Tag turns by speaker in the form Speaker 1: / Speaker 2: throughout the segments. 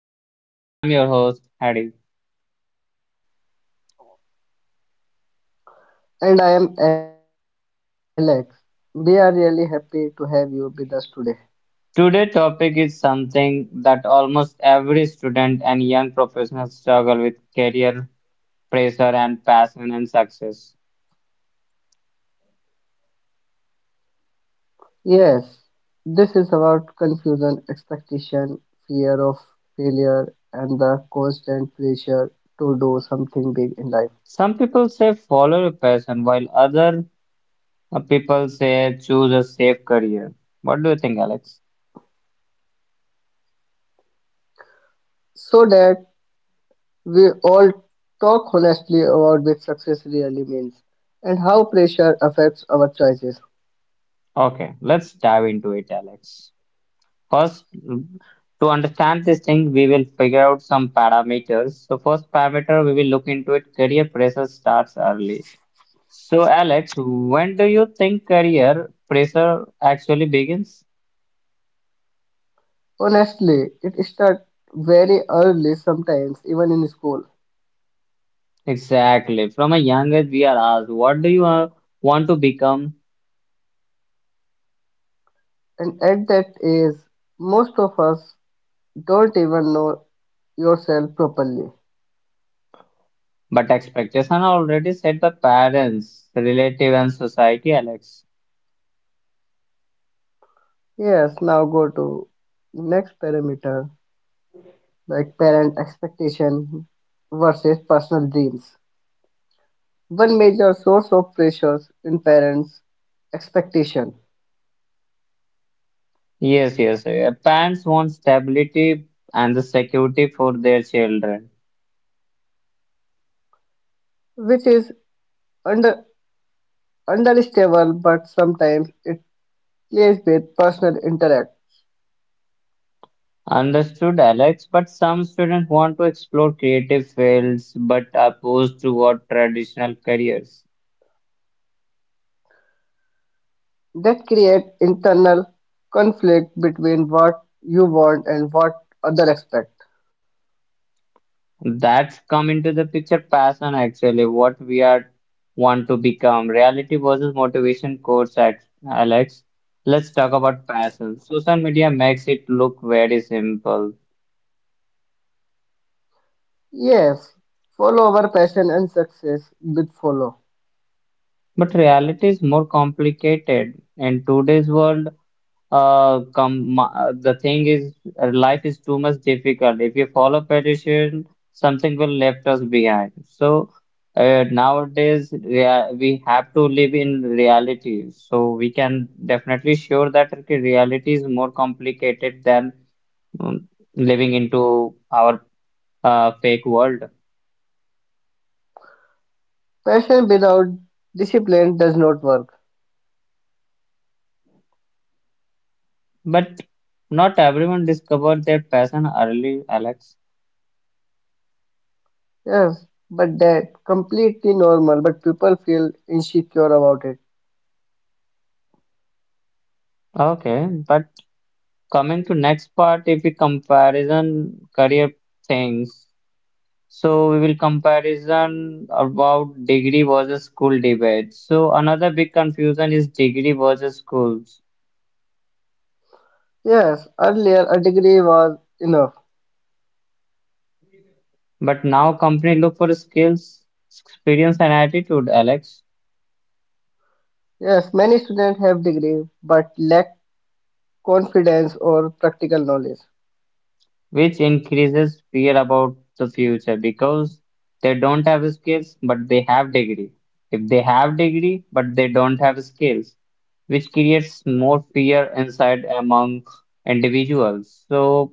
Speaker 1: podcast. I'm your host Hadi.
Speaker 2: And I am Alex. We are really happy to have you with us today.
Speaker 1: Today's topic is something that almost every student and young professional struggle with career pressure and passion and success.
Speaker 2: Yes, this is about confusion, expectation, fear of failure, and the constant pressure to do something big in life.
Speaker 1: Some people say follow your passion while other people say choose a safe career. What do you think, Alex?
Speaker 2: So that we all talk honestly about what success really means and how pressure affects our choices.
Speaker 1: Okay, let's dive into it, Alex. First, to understand this thing, we will figure out some parameters. So first parameter we will look into it, career pressure starts early. So Alex, when do you think career pressure actually begins?
Speaker 2: Honestly, it starts very early sometimes, even in school.
Speaker 1: Exactly. From a young age, we are asked, what do you want to become?
Speaker 2: And at that age, most of us don't even know yourself properly.
Speaker 1: But expectations are already set by parents, relative, and society, Alex.
Speaker 2: Yes, now go to next parameter like parent expectation versus personal dreams. One major source of pressures in parents' expectation,
Speaker 1: Yes, yes. Parents want stability and the security for their children.
Speaker 2: which is under understandable, but sometimes it plays with personal interact
Speaker 1: Understood, Alex, but some students want to explore creative fields but are opposed to what traditional careers.
Speaker 2: that create internal conflict between what you want and what other expect.
Speaker 1: That's come into the picture passion actually, what we are want to become. Reality versus motivation course at Alex. Let's talk about passion. Social media makes it look very simple,
Speaker 2: Yes, follow our passion and success with follow.
Speaker 1: but reality is more complicated. In today's world, the thing is, life is too much difficult. If you follow pedestrian, something will left us behind. So nowadays, we have to live in reality. So we can definitely sure that okay, reality is more complicated than um, living into our fake world.
Speaker 2: Passion without discipline does not work.
Speaker 1: But not everyone discovered their passion early, Alex.
Speaker 2: Yes, but that completely normal, but people feel insecure about it.
Speaker 1: Okay, but coming to next part if we comparison career things so we will comparison about degree versus school debate so another big confusion is degree versus schools
Speaker 2: Yes, earlier a degree was enough.
Speaker 1: but now company look for skills experience and attitude alex
Speaker 2: Yes, many students have degree but lack confidence or practical knowledge.
Speaker 1: which increases fear about the future because they don't have skills but they have degree if they have degree but they don't have skills which creates more fear inside among individuals. So,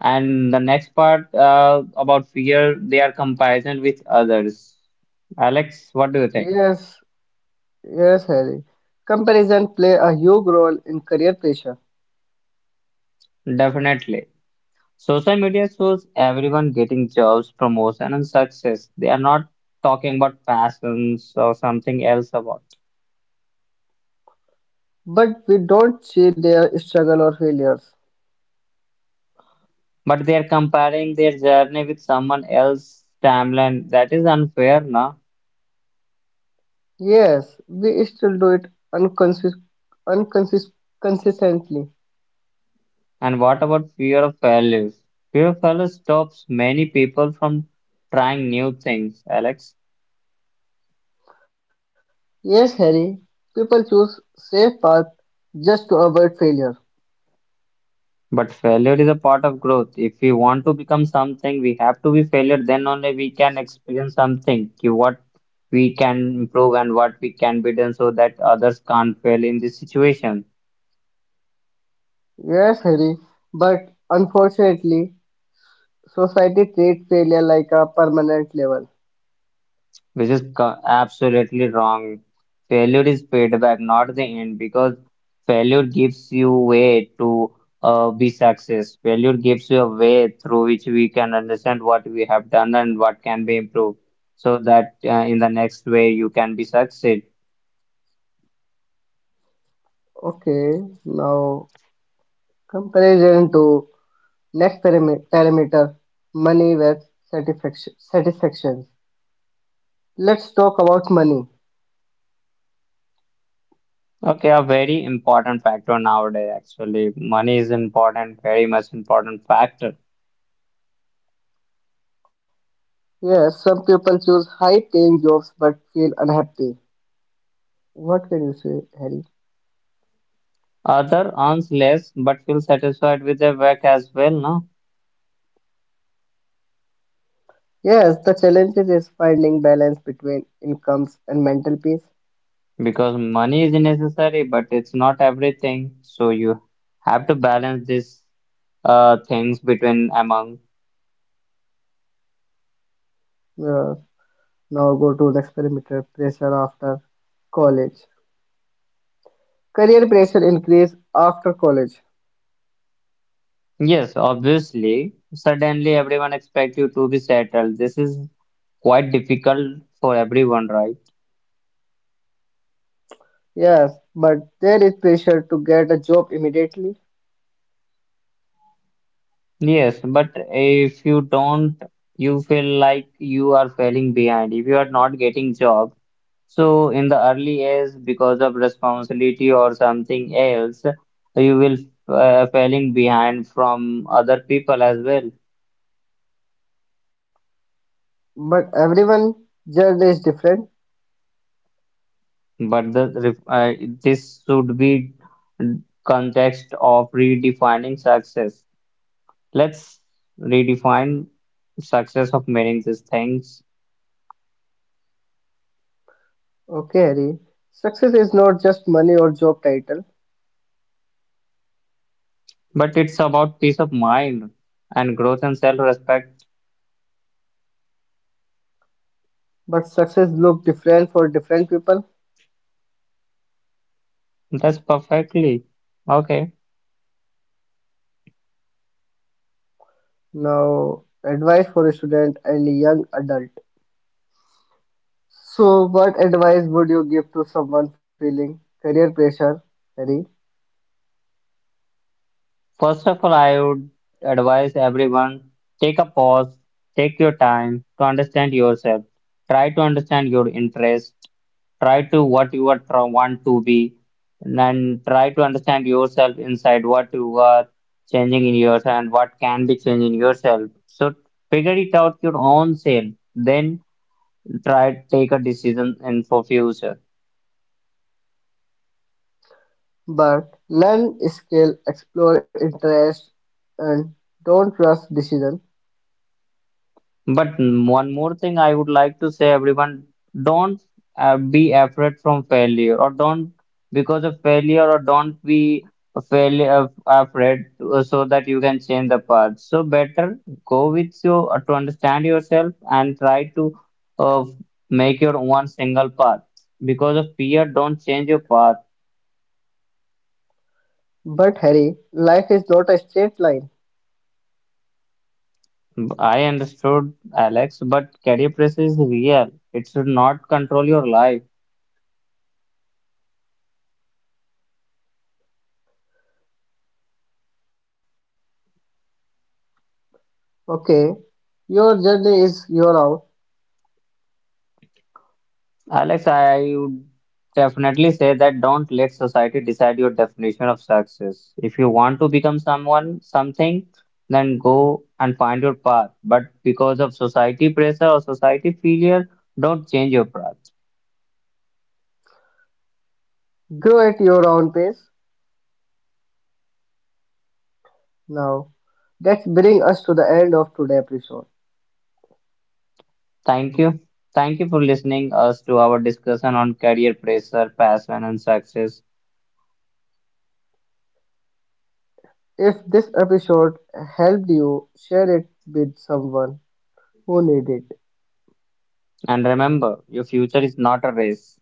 Speaker 1: and the next part about fear, they are comparison with others. Alex, what do you think?
Speaker 2: Yes, yes, Harry. Comparison play a huge role in career pressure,
Speaker 1: Definitely. Social media shows everyone getting jobs, promotion, and success. They are not talking about passions or something else about,
Speaker 2: but we don't see their struggle or failures.
Speaker 1: but they are comparing their journey with someone else's timeline. That is unfair, na?
Speaker 2: Yes, we still do it unconscious, unconscious, consistently.
Speaker 1: And what about fear of failure? Fear of failure stops many people from trying new things, Alex.
Speaker 2: Yes, Harry, people choose safe path just to avoid failure.
Speaker 1: But failure is a part of growth. If we want to become something, we have to be failure. Then only we can experience something, ki what we can improve and what we can be done so that others can't fail in this situation.
Speaker 2: Yes, Harry, but unfortunately, society treats failure like a permanent level.
Speaker 1: Which is co- absolutely wrong. Failure is feedback, not the end, because failure gives you way to be success. Failure gives you a way through which we can understand what we have done and what can be improved, so that in the next way you can be succeed.
Speaker 2: Okay, now comparison to next parameter, money with satisfaction. Satisfactions. Let's talk about money.
Speaker 1: Okay, a very important factor nowadays, actually. Money is important, very much important factor.
Speaker 2: Yes, some people choose high paying jobs but feel unhappy. What can you say, Harry?
Speaker 1: Other earns less but feel satisfied with their work as well, no?
Speaker 2: Yes, the challenge is finding balance between incomes and mental peace.
Speaker 1: Because money is necessary but it's not everything, so you have to balance these things between among
Speaker 2: Uh, Now go to the experimental pressure after college. Career pressure increase after college.
Speaker 1: yes obviously suddenly everyone expect you to be settled. This is quite difficult for everyone, right?
Speaker 2: Yes, but there is pressure to get a job immediately.
Speaker 1: Yes, but if you don't, you feel like you are falling behind if you are not getting job. So in the early age, because of responsibility or something else, you will falling behind from other people as well.
Speaker 2: But everyone journey is different.
Speaker 1: But the ref- uh, this should be context of redefining success. Let's redefine success of meaning these things.
Speaker 2: Okay, Harry. Success is not just money or job title,
Speaker 1: But it's about peace of mind and growth and self-respect.
Speaker 2: but success look different for different people.
Speaker 1: That's perfectly okay.
Speaker 2: Now, advice for a student and young adult. So, what advice would you give to someone feeling career pressure, Harry?
Speaker 1: First of all, I would advise everyone take a pause, take your time to understand yourself. Try to understand your interests, try to what you are tr- want to be, and try to understand yourself inside what you are changing in yourself and what can be changed in yourself. So figure it out your own self, then try to take a decision in for future.
Speaker 2: But learn, skill, explore interest, and don't rush decision.
Speaker 1: But one more thing I would like to say, everyone, don't be afraid from failure, or don't because of failure, or don't be a failure afraid so that you can change the path. So better go with you to understand yourself and try to uh, make your one single path. Because of fear, don't change your path.
Speaker 2: But Harry, life is not a straight line.
Speaker 1: I understood, Alex, but career pressure is real. It should not control your life.
Speaker 2: Okay, your journey is your own.
Speaker 1: Alex, I would definitely say that don't let society decide your definition of success. If you want to become someone, something, then go and find your path. But because of society pressure or society failure, don't change your path.
Speaker 2: Grow at your own pace. Now, that brings us to the end of today's episode.
Speaker 1: Thank you. Thank you for listening us to our discussion on career pressure, passion, and success.
Speaker 2: If this episode helped you, share it with someone who need it.
Speaker 1: And remember, your future is not a race.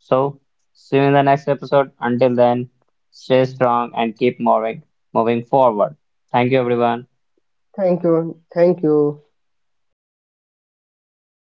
Speaker 1: So, see you in the next episode. Until then, stay strong and keep moving forward. Thank you, everyone.
Speaker 2: Thank you, Harry.